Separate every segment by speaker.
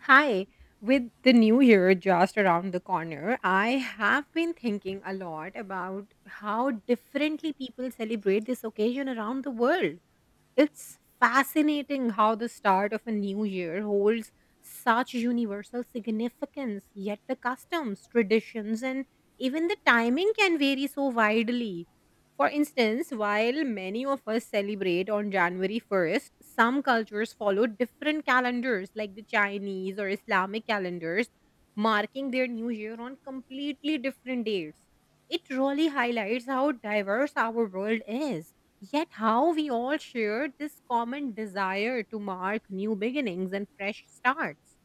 Speaker 1: Hi, with the new year just around the corner, I have been thinking a lot about how differently people celebrate this occasion around the world. It's fascinating how the start of a new year holds such universal significance, yet the customs, traditions, and even the timing can vary so widely. For instance, while many of us celebrate on January 1st, some cultures follow different calendars like the Chinese or Islamic calendars, marking their new year on completely different dates. It really highlights how diverse our world is. Yet, how we all share this common desire to mark new beginnings and fresh starts.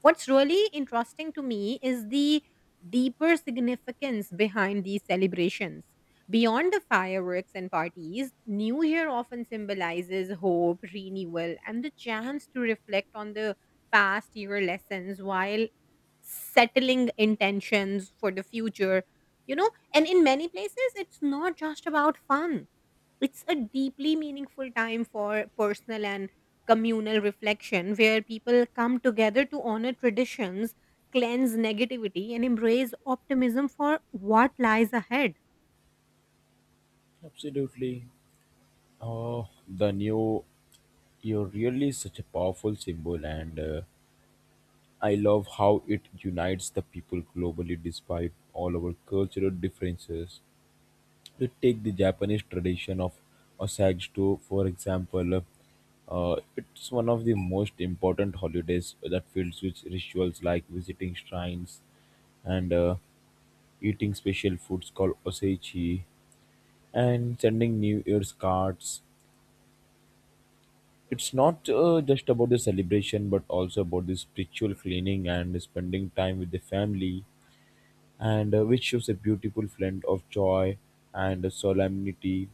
Speaker 1: What's really interesting to me is the deeper significance behind these celebrations. Beyond the fireworks and parties, New Year often symbolizes hope, renewal, and the chance to reflect on the past year lessons while settling intentions for the future. You know, and in many places, it's not just about fun, it's a deeply meaningful time for personal and communal reflection where people come together to honor traditions, cleanse negativity, and embrace optimism for what lies ahead.
Speaker 2: Absolutely. Oh, the new, you're really such a powerful symbol, and I love how it unites the people globally despite all our cultural differences. You take the Japanese tradition of Osage to, for example, it's one of the most important holidays that fills with rituals like visiting shrines and eating special foods called osechi and sending New Year's cards. It's not just about the celebration, but also about the spiritual cleaning and spending time with the family, and which shows a beautiful blend of joy and solemnity.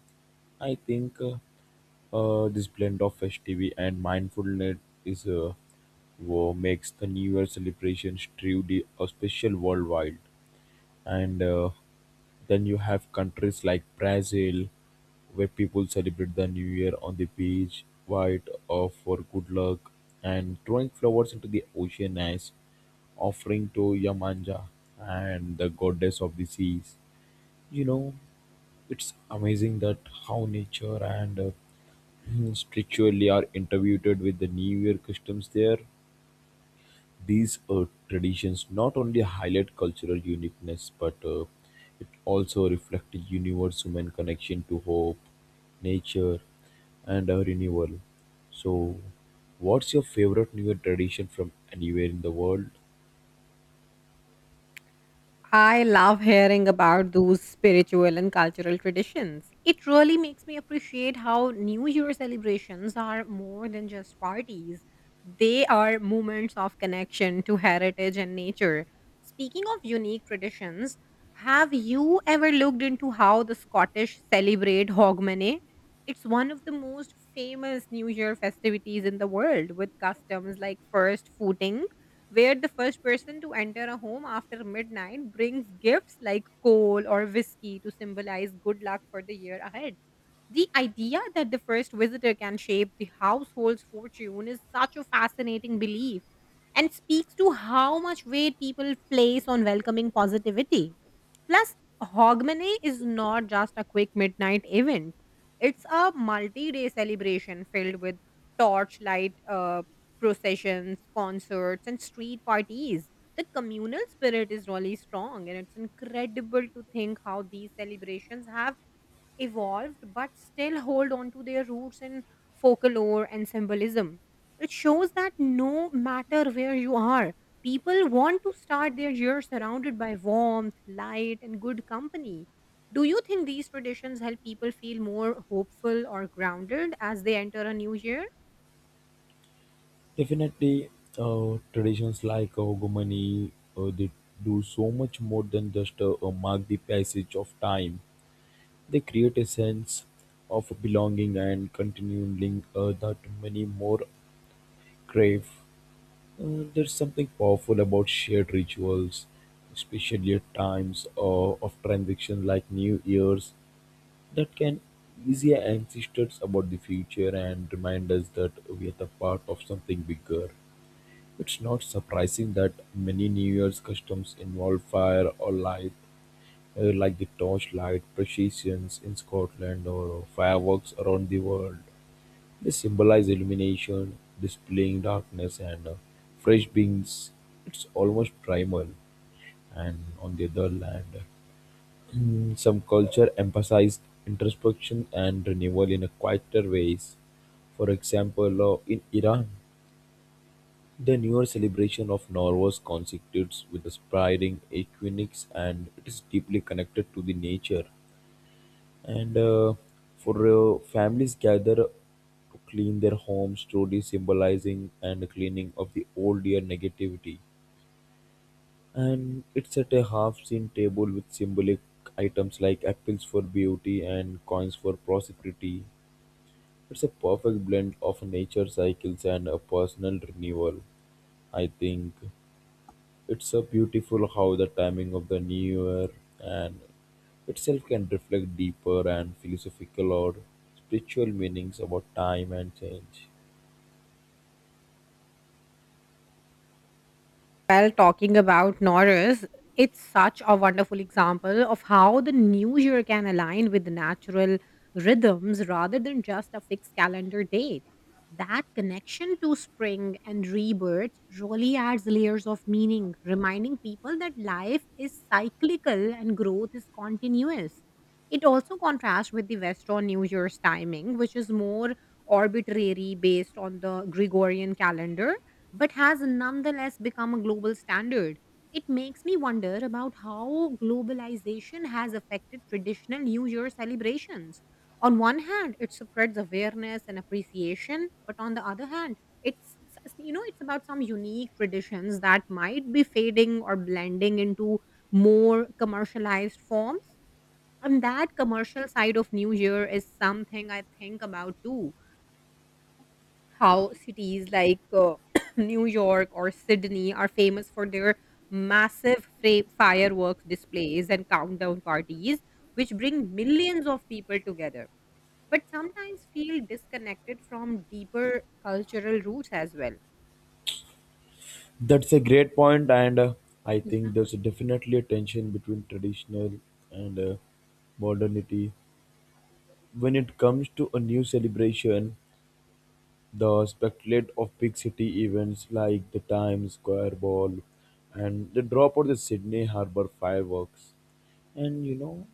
Speaker 2: I think this blend of festivity and mindfulness is what makes the New Year celebrations truly a special worldwide, and then you have countries like Brazil where people celebrate the new year on the beach white or for good luck and throwing flowers into the ocean as offering to Yamanja and the goddess of the seas. You know, it's amazing that how nature and spiritually are interviewed with the New Year customs there. These traditions not only highlight cultural uniqueness, but it also reflects universe human connection to hope, nature, and renewal. So, what's your favorite New Year tradition from anywhere in the world?
Speaker 1: I love hearing about those spiritual and cultural traditions. It really makes me appreciate how New Year celebrations are more than just parties, they are moments of connection to heritage and nature. Speaking of unique traditions, have you ever looked into how the Scottish celebrate Hogmanay? It's one of the most famous New Year festivities in the world with customs like first footing, where the first person to enter a home after midnight brings gifts like coal or whiskey to symbolize good luck for the year ahead. The idea that the first visitor can shape the household's fortune is such a fascinating belief and speaks to how much weight people place on welcoming positivity. Plus, Hogmanay is not just a quick midnight event, it's a multi day celebration filled with torchlight processions, concerts, and street parties. The communal spirit is really strong, and it's incredible to think how these celebrations have evolved but still hold on to their roots in folklore and symbolism. It shows that no matter where you are, people want to start their year surrounded by warmth, light, and good company. Do you think these traditions help people feel more hopeful or grounded as they enter a new year?
Speaker 2: Definitely, traditions like Ogumani, they do so much more than just mark the passage of time. They create a sense of belonging and continuing that many more Crave. There's something powerful about shared rituals, especially at times of transition like New Year's, that can ease our ancestors about the future and remind us that we are the part of something bigger. It's not surprising that many New Year's customs involve fire or light, like the torchlight processions in Scotland or fireworks around the world. They symbolize illumination, displaying darkness, and fresh beings. It's almost primal. And on the other hand, some culture emphasized introspection and renewal in a quieter ways. For example, in Iran, the newer celebration of Norvus constitutes with the spreading equinox and it is deeply connected to the nature. And for families gather to clean their homes, truly symbolizing and cleaning of the old year negativity. And it's at a half-seen table with symbolic items like apples for beauty and coins for prosperity. It's a perfect blend of nature cycles and a personal renewal, I think. It's so beautiful how the timing of the new year and itself can reflect deeper and philosophical or spiritual meanings about time and change.
Speaker 1: Well, talking about Norris, it's such a wonderful example of how the new year can align with the natural rhythms rather than just a fixed calendar date. That connection to spring and rebirth really adds layers of meaning, reminding people that life is cyclical and growth is continuous. It also contrasts with the Western New Year's timing, which is more arbitrary based on the Gregorian calendar but has nonetheless become a global standard. It makes me wonder about how globalization has affected traditional New Year celebrations. On one hand, it spreads awareness and appreciation, but on the other hand, it's s- you know it's about some unique traditions that might be fading or blending into more commercialized forms. And that commercial side of new year is something I think about too. How cities like New York or Sydney are famous for their massive fireworks displays and countdown parties, which bring millions of people together, but sometimes feel disconnected from deeper cultural roots as well.
Speaker 2: That's a great point, and I think there's definitely a tension between traditional and modernity. When it comes to a new celebration, the spectacle of big city events like the Times Square Ball and the drop of the Sydney Harbour fireworks, and you know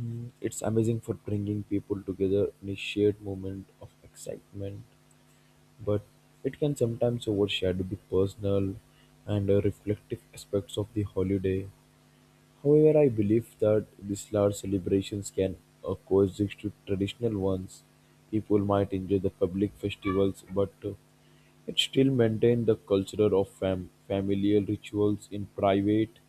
Speaker 2: mm, it's amazing for bringing people together in a shared moment of excitement, but it can sometimes overshadow the personal and reflective aspects of the holiday. However, I believe that these large celebrations can coexist with traditional ones. People might enjoy the public festivals, but it still maintain the culture of familial rituals in private,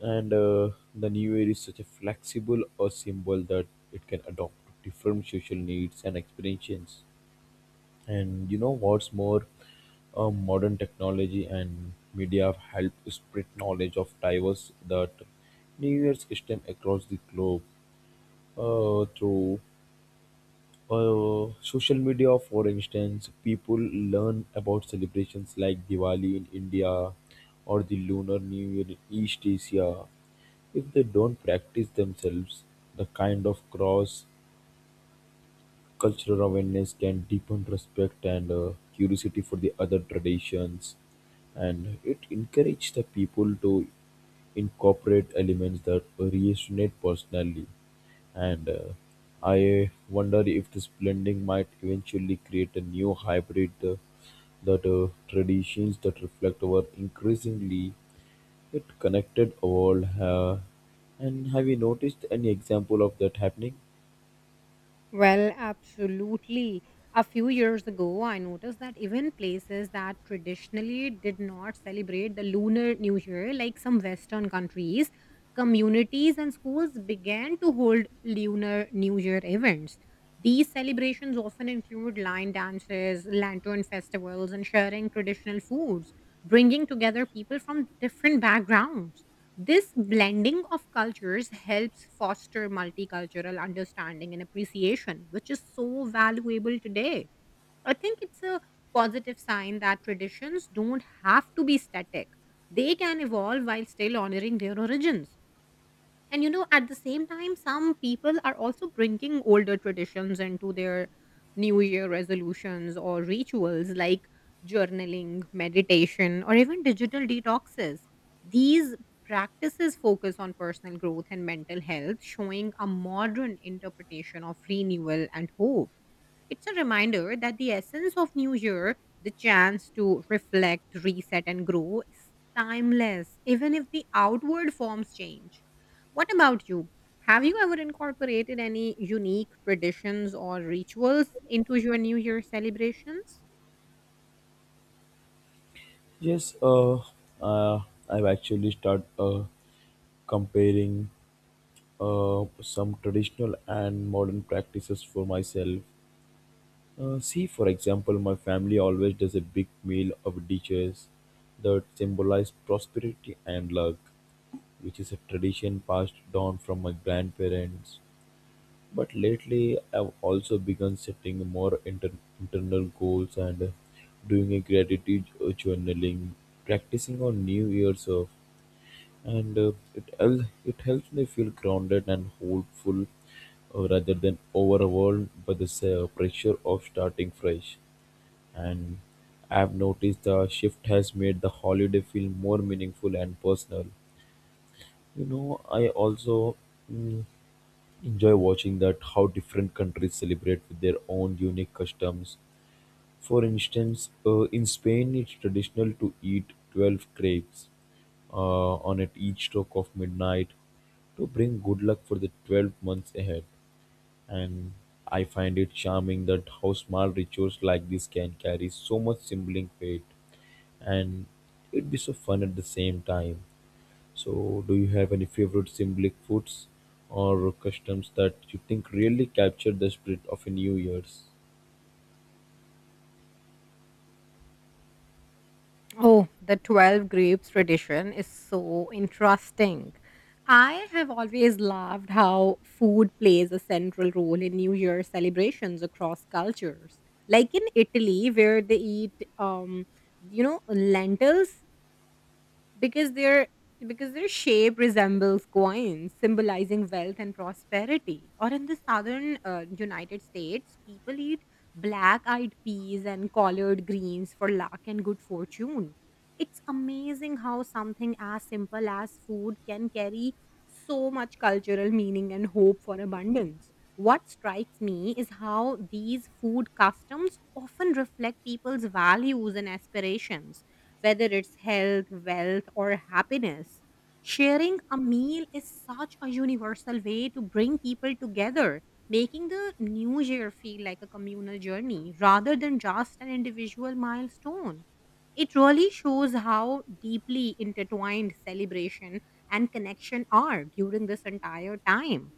Speaker 2: and the new air is such a flexible or symbol that it can adopt to different social needs and experiences. And you know what's more, modern technology and media have helped spread knowledge of diverse that New Year's system across the globe, through social media. For instance, people learn about celebrations like diwali in india or the lunar new year in east asia if they don't practice themselves. The kind of cross cultural awareness can deepen respect and curiosity for the other traditions, and it encourages the people to incorporate elements that resonate personally. And I wonder if this blending might eventually create a new hybrid that traditions that reflect our increasingly yet connected world. And have you noticed any example of that happening?
Speaker 1: Well, absolutely. A few years ago, I noticed that even places that traditionally did not celebrate the Lunar New Year, like some Western countries, communities and schools began to hold Lunar New Year events. These celebrations often include line dances, lantern festivals, and sharing traditional foods, bringing together people from different backgrounds. This blending of cultures helps foster multicultural understanding and appreciation, which is so valuable today. I think it's a positive sign that traditions don't have to be static, they can evolve while still honoring their origins. And you know, at the same time, some people are also bringing older traditions into their New Year resolutions or rituals like journaling, meditation, or even digital detoxes. These practices focus on personal growth and mental health, showing a modern interpretation of renewal and hope. It's a reminder that the essence of New Year, the chance to reflect, reset, and grow, is timeless, even if the outward forms change. What about you? Have you ever incorporated any unique traditions or rituals into your New Year celebrations?
Speaker 2: Yes, uh, I've actually started comparing some traditional and modern practices for myself. See, for example, my family always does a big meal of dishes that symbolize prosperity and luck, which is a tradition passed down from my grandparents. But lately, I've also begun setting more internal goals and doing a gratitude journaling, practicing on New Year's of, and it helps me feel grounded and hopeful rather than overwhelmed by the pressure of starting fresh. And I've noticed the shift has made the holiday feel more meaningful and personal. You know, I also mm, enjoy watching that how different countries celebrate with their own unique customs. For instance, in Spain, it's traditional to eat 12 grapes on at each stroke of midnight to bring good luck for the 12 months ahead. And I find it charming that how small rituals like this can carry so much symbolic weight, and it'd be so fun at the same time. So, do you have any favorite symbolic foods or customs that you think really capture the spirit of a New Year's?
Speaker 1: Oh, the 12 grapes tradition is so interesting. I have always loved how food plays a central role in New Year celebrations across cultures. Like in Italy, where they eat, lentils because their shape resembles coins, symbolizing wealth and prosperity. Or in the southern United States, people eat black eyed peas and collard greens for luck and good fortune. It's amazing how something as simple as food can carry so much cultural meaning and hope for abundance. What strikes me is how these food customs often reflect people's values and aspirations, whether it's health, wealth, or happiness. Sharing a meal is such a universal way to bring people together, making the new year feel like a communal journey rather than just an individual milestone. It really shows how deeply intertwined celebration and connection are during this entire time.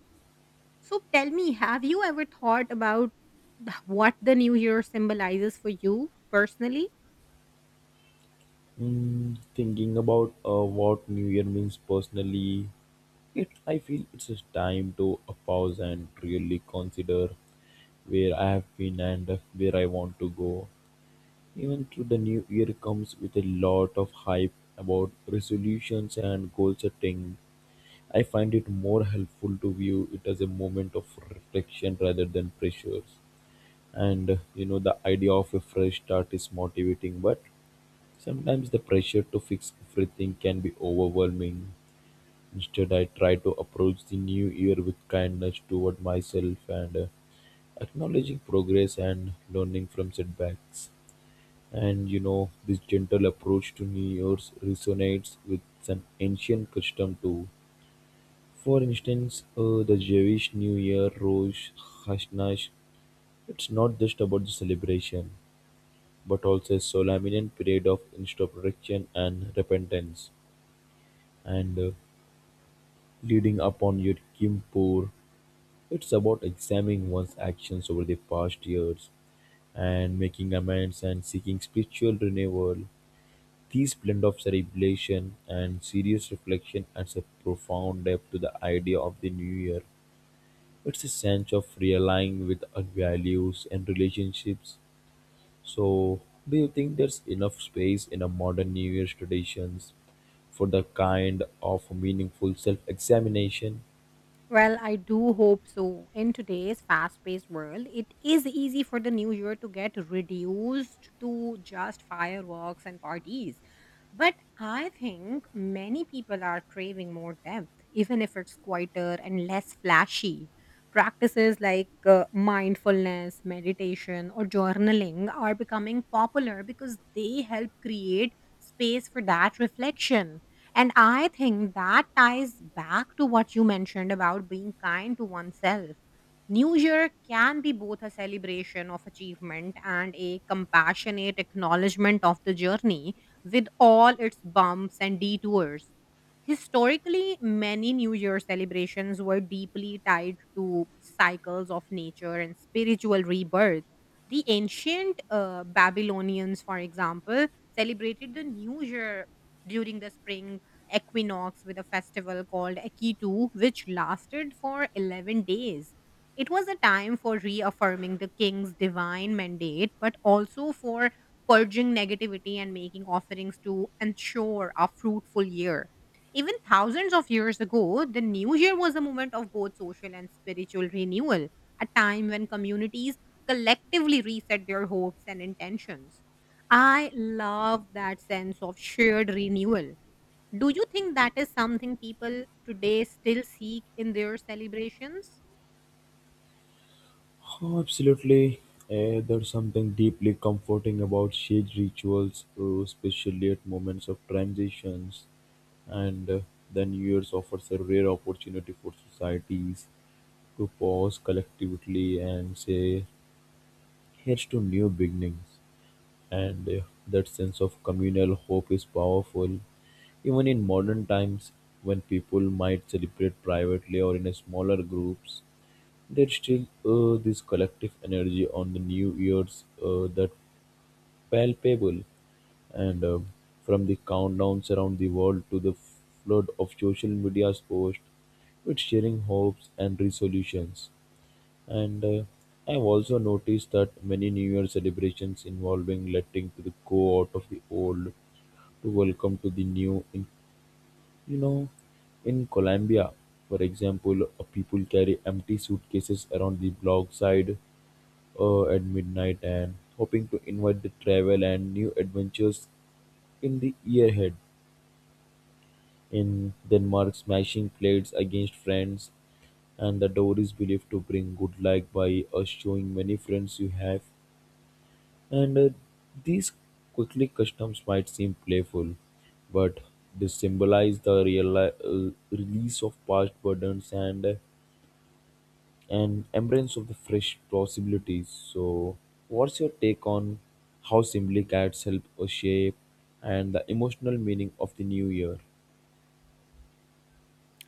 Speaker 1: So tell me, have you ever thought about what the new year symbolizes for you personally?
Speaker 2: Mm, thinking about what New Year means personally, it I feel it's just time to a pause and really consider where I have been and where I want to go. Even through the New Year comes with a lot of hype about resolutions and goal setting, I find it more helpful to view it as a moment of reflection rather than pressures. And you know, the idea of a fresh start is motivating, but sometimes the pressure to fix everything can be overwhelming. Instead, I try to approach the new year with kindness toward myself and acknowledging progress and learning from setbacks. And you know, this gentle approach to New Year's resonates with an ancient custom too. For instance, the Jewish New Year, Rosh Hashanah, it's not just about the celebration, but also a solemn period of introspection and repentance. And leading upon Yom Kippur, it's about examining one's actions over the past years and making amends and seeking spiritual renewal. This blend of celebration and serious reflection adds a profound depth to the idea of the new year. It's a sense of realigning with our values and relationships. So, do you think there's enough space in our modern New Year's traditions for the kind of meaningful self examination?
Speaker 1: Well, I do hope so. In today's fast paced world, it is easy for the new year to get reduced to just fireworks and parties. But I think many people are craving more depth, even if it's quieter and less flashy. Practices like mindfulness, meditation, or journaling are becoming popular because they help create space for that reflection. And I think that ties back to what you mentioned about being kind to oneself. New Year can be both a celebration of achievement and a compassionate acknowledgement of the journey with all its bumps and detours. Historically, many New Year celebrations were deeply tied to cycles of nature and spiritual rebirth. The ancient Babylonians, for example, celebrated the New Year during the spring equinox with a festival called Akitu, which lasted for 11 days. It was a time for reaffirming the king's divine mandate, but also for purging negativity and making offerings to ensure a fruitful year. Even thousands of years ago, the new year was a moment of both social and spiritual renewal, a time when communities collectively reset their hopes and intentions. I love that sense of shared renewal. Do you think that is something people today still seek in their celebrations?
Speaker 2: Oh, absolutely. There's something deeply comforting about sage rituals, especially at moments of transitions. And the New Year's offers a rare opportunity for societies to pause collectively and say, here's to new beginnings. And that sense of communal hope is powerful. Even in modern times, when people might celebrate privately or in a smaller groups, there's still this collective energy on the New Year's that palpable, and from the countdowns around the world to the flood of social media's posts with sharing hopes and resolutions. And I've also noticed that many New Year celebrations involving letting to the go out of the old to welcome to the new in, you know, in Colombia, for example, people carry empty suitcases around the block side at midnight and hoping to invite the travel and new adventures in the year ahead. In Denmark, smashing plates against friends and the door is believed to bring good luck by showing many friends you have. And these quickly customs might seem playful, but they symbolize the real, release of past burdens and embrace of the fresh possibilities. So, what's your take on how simply cats help us shape and the emotional meaning of the new year?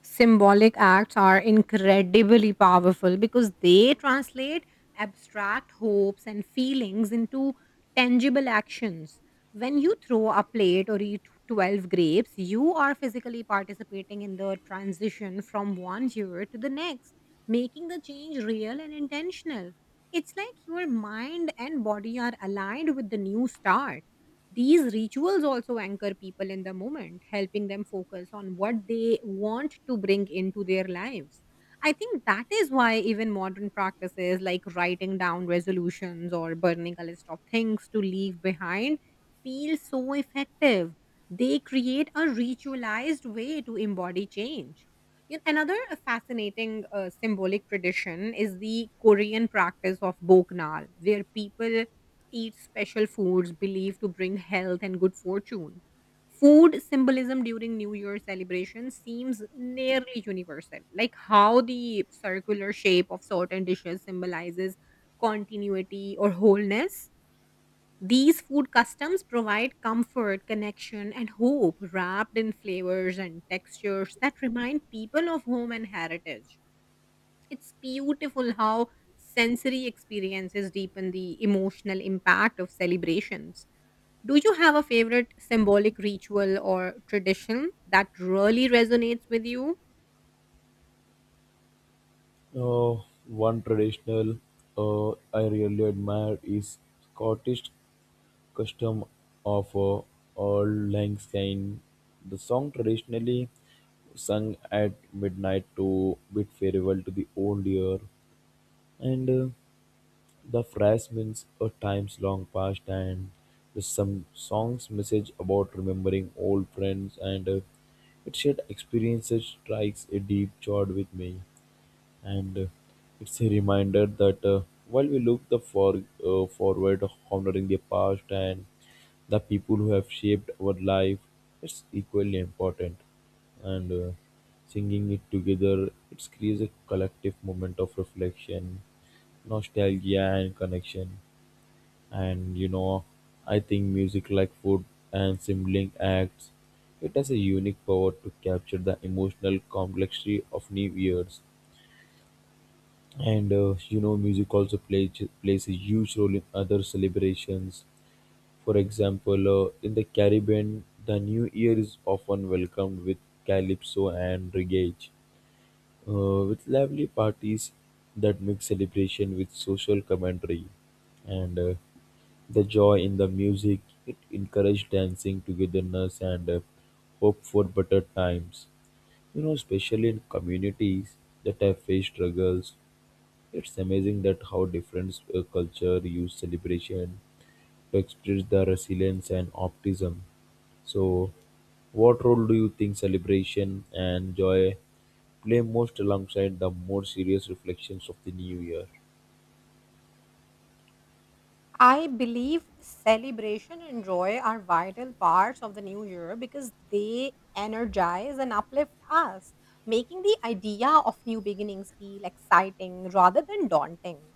Speaker 1: Symbolic acts are incredibly powerful because they translate abstract hopes and feelings into tangible actions. When you throw a plate or eat 12 grapes, you are physically participating in the transition from one year to the next, making the change real and intentional. It's like your mind and body are aligned with the new start. These rituals also anchor people in the moment, helping them focus on what they want to bring into their lives. I think that is why even modern practices like writing down resolutions or burning a list of things to leave behind feel so effective. They create a ritualized way to embody change. Yet another fascinating symbolic tradition is the Korean practice of boknal, where people eat special foods believed to bring health and good fortune. Food symbolism during New Year celebration seems nearly universal, like how the circular shape of certain dishes symbolizes continuity or wholeness. These food customs provide comfort, connection, and hope wrapped in flavors and textures that remind people of home and heritage. It's beautiful how sensory experiences deepen the emotional impact of celebrations. Do you have a favorite symbolic ritual or tradition that really resonates with you?
Speaker 2: Uh, One traditional I really admire is Scottish custom of Auld Lang Syne. The song traditionally sung at midnight to bid farewell to the old year, and the phrase means a times long past, and the some song's message about remembering old friends and it shared experiences strikes a deep chord with me. And it's a reminder that while we look the for forward, honoring the past and the people who have shaped our life, it's equally important. And singing it together, it creates a collective moment of reflection, nostalgia, and connection. And you know, I think music, like food and sibling acts, it has a unique power to capture the emotional complexity of new years. And you know, music also plays a huge role in other celebrations. For example, in the Caribbean, the new year is often welcomed with calypso and reggae, with lively parties that mix celebration with social commentary. And the joy in the music, it encouraged dancing, togetherness, and hope for better times, you know, especially in communities that have faced struggles. It's amazing that how different culture use celebration to express the resilience and optimism. So, what role do you think celebration and joy play most alongside the more serious reflections of the new year?
Speaker 1: I believe celebration and joy are vital parts of the new year because they energize and uplift us, making the idea of new beginnings feel exciting rather than daunting.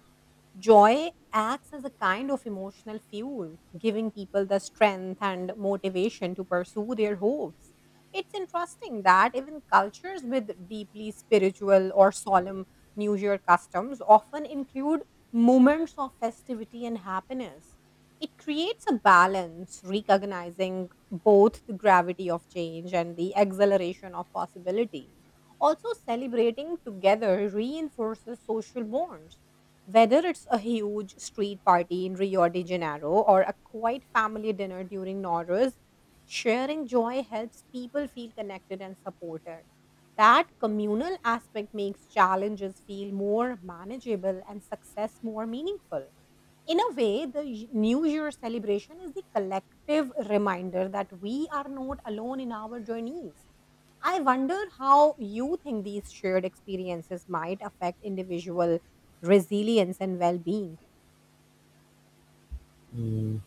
Speaker 1: Joy acts as a kind of emotional fuel, giving people the strength and motivation to pursue their hopes. It's interesting that even cultures with deeply spiritual or solemn New Year customs often include moments of festivity and happiness. It creates a balance, recognizing both the gravity of change and the exhilaration of possibility. Also, celebrating together reinforces social bonds, whether it's a huge street party in Rio de Janeiro or a quiet family dinner during Norris, sharing joy helps people feel connected and supported. That communal aspect makes challenges feel more manageable and success more meaningful. In a way, the New Year celebration is the collective reminder that we are not alone in our journeys. I wonder how you think these shared experiences might affect individual resilience and well being.
Speaker 2: Mm,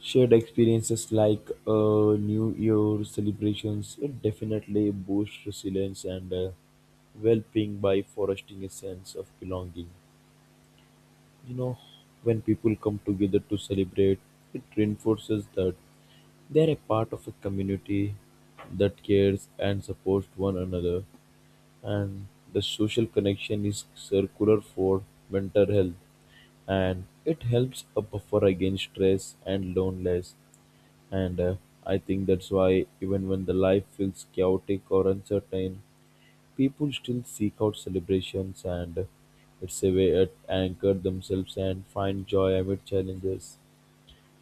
Speaker 2: shared experiences like New Year celebrations it definitely boost resilience and well-being by fostering a sense of belonging. You know, when people come together to celebrate, it reinforces that they are a part of a community that cares and supports one another, and the social connection is circular for mental health, and it helps a buffer against stress and loneliness. And I think that's why even when the life feels chaotic or uncertain, people still seek out celebrations, and it's a way to anchor themselves and find joy amid challenges.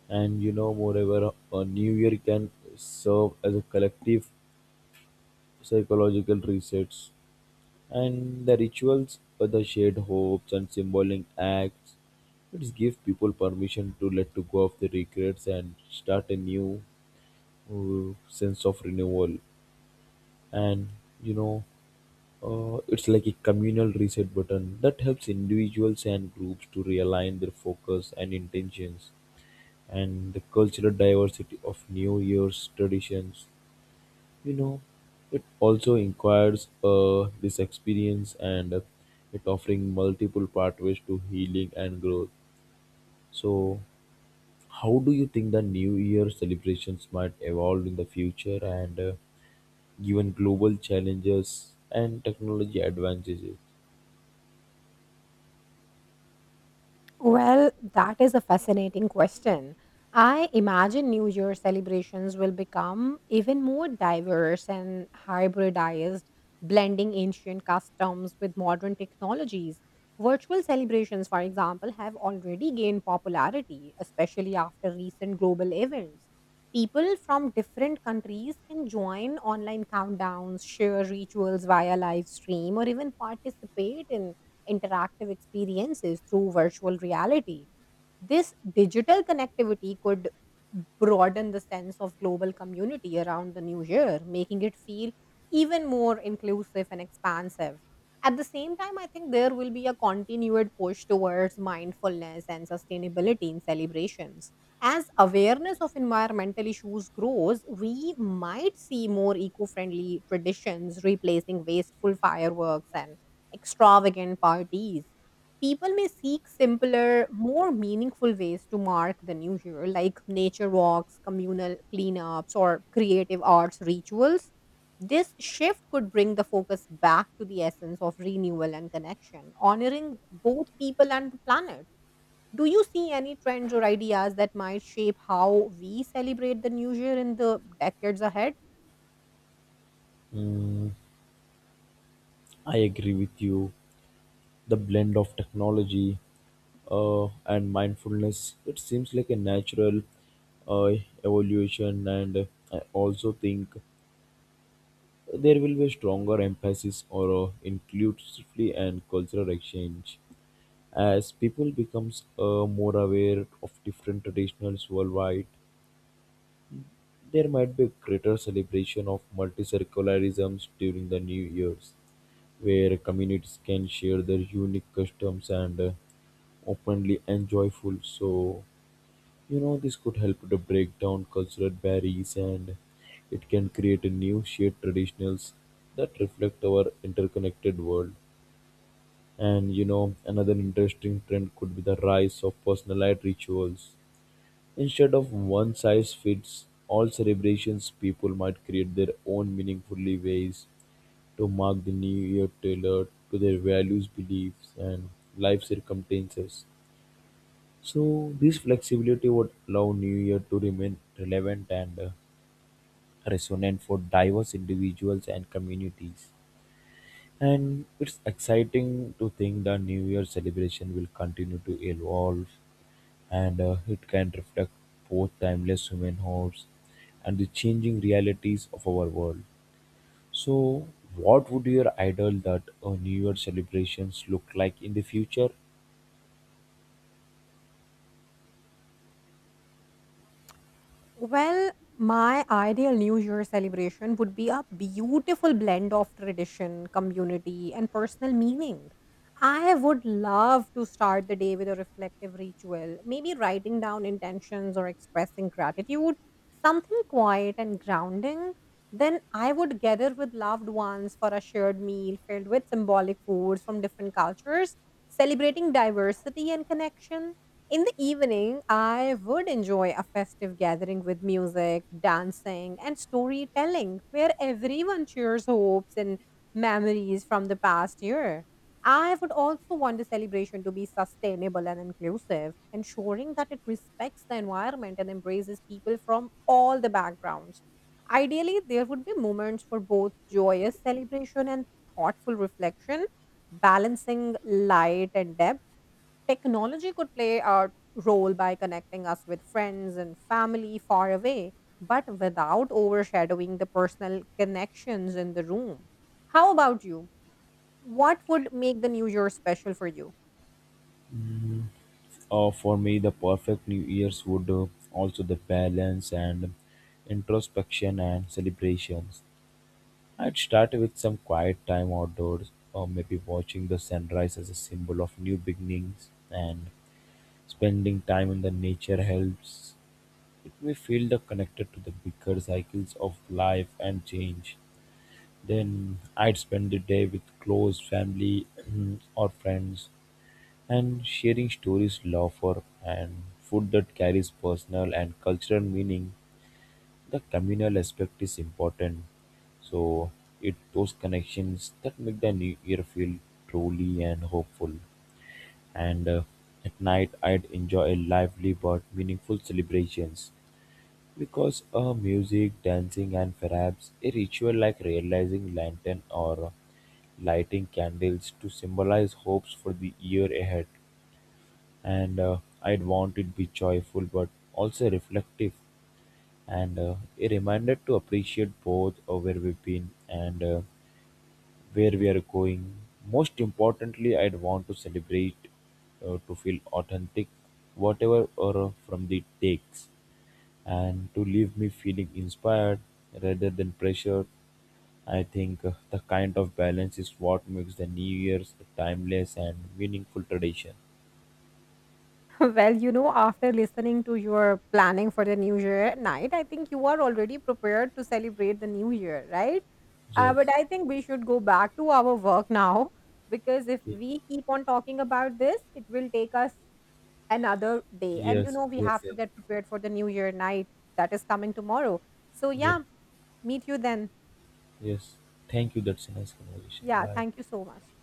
Speaker 2: And you know, moreover, a new year can serve as a collective psychological resets. And the rituals, the shared hopes and symbolic acts, it gives people permission to let to go of the regrets and start a new sense of renewal. And you know, it's like a communal reset button that helps individuals and groups to realign their focus and intentions and the cultural diversity of New Year's traditions. You know, it also inquires this experience and it offering multiple pathways to healing and growth. So, how do you think the New Year celebrations might evolve in the future and given global challenges and technology advantages?
Speaker 1: Well, that is a fascinating question. I imagine New Year celebrations will become even more diverse and hybridized, blending ancient customs with modern technologies. Virtual celebrations, for example, have already gained popularity, especially after recent global events. People from different countries can join online countdowns, share rituals via live stream, or even participate in interactive experiences through virtual reality. This digital connectivity could broaden the sense of global community around the new year, making it feel even more inclusive and expansive. At the same time, I think there will be a continued push towards mindfulness and sustainability in celebrations. As awareness of environmental issues grows, we might see more eco friendly traditions replacing wasteful fireworks and extravagant parties. People may seek simpler, more meaningful ways to mark than usual, like nature walks, communal cleanups, or creative arts rituals. This shift could bring the focus back to the essence of renewal and connection, honoring both people and the planet. Do you see any trends or ideas that might shape how we celebrate the new year in the decades ahead?
Speaker 2: Mm, I agree with you. The blend of technology and mindfulness, it seems like a natural uh, evolution, and I also think there will be a stronger emphasis on inclusivity and cultural exchange as people becomes more aware of different traditions worldwide. There might be a greater celebration of multi-secularisms during the New Year's, where communities can share their unique customs and openly enjoy food. So you know this could help to break down cultural barriers and it can create a new shared traditions that reflect our interconnected world, and you know another interesting trend could be the rise of personalized rituals instead of one size fits all celebrations. People might create their own meaningful ways to mark the new year tailored to their values, beliefs and life circumstances. So this flexibility would allow New Year to remain relevant and resonant for diverse individuals and communities. And it's exciting to think the New Year celebration will continue to evolve and it can reflect both timeless human hopes and the changing realities of our world. So, what would your ideal that a New Year celebrations look like in the future?
Speaker 1: Well, my ideal New Year celebration would be a beautiful blend of tradition, community, and personal meaning. I would love to start the day with a reflective ritual, maybe writing down intentions or expressing gratitude, something quiet and grounding. Then I would gather with loved ones for a shared meal filled with symbolic foods from different cultures, celebrating diversity and connection. In the evening, I would enjoy a festive gathering with music, dancing, and storytelling where everyone shares hopes and memories from the past year. I would also want the celebration to be sustainable and inclusive, ensuring that it respects the environment and embraces people from all the backgrounds. Ideally, there would be moments for both joyous celebration and thoughtful reflection, balancing light and depth. Technology could play a role by connecting us with friends and family far away, but without overshadowing the personal connections in the room. How about you? What would make the new year special for you?
Speaker 2: For me, the perfect New Year's would also the balance and introspection and celebrations. I'd start with some quiet time outdoors, or maybe watching the sunrise as a symbol of new beginnings, and spending time in the nature helps. It may feel the connected to the bigger cycles of life and change. Then I'd spend the day with close family or friends and sharing stories, laughter, and food that carries personal and cultural meaning. The communal aspect is important. So it those connections that make the new year feel truly and hopeful. And at night, I'd enjoy a lively but meaningful celebrations because music, dancing, and perhaps a ritual like realizing lantern or lighting candles to symbolize hopes for the year ahead. And I'd want it be joyful but also reflective, and a reminder to appreciate both where we've been and where we are going. Most importantly, I'd want to celebrate to feel authentic, whatever or from the takes, and to leave me feeling inspired rather than pressured. I think the kind of balance is what makes the New Year's a timeless and meaningful tradition.
Speaker 1: Well, you know, after listening to your planning for the new year night, I think you are already prepared to celebrate the new year, right? But
Speaker 2: Yes.
Speaker 1: I think we should go back to our work now, because if we keep on talking about this, it will take us another day. And you
Speaker 2: Yes.
Speaker 1: know, we
Speaker 2: Yes.
Speaker 1: have to
Speaker 2: Yes.
Speaker 1: get prepared for the new year night that is coming tomorrow. So,
Speaker 2: Yes,
Speaker 1: yeah, meet you then.
Speaker 2: yes. Thank you. That's a nice conversation.
Speaker 1: Yeah,
Speaker 2: Bye.
Speaker 1: thank you so much.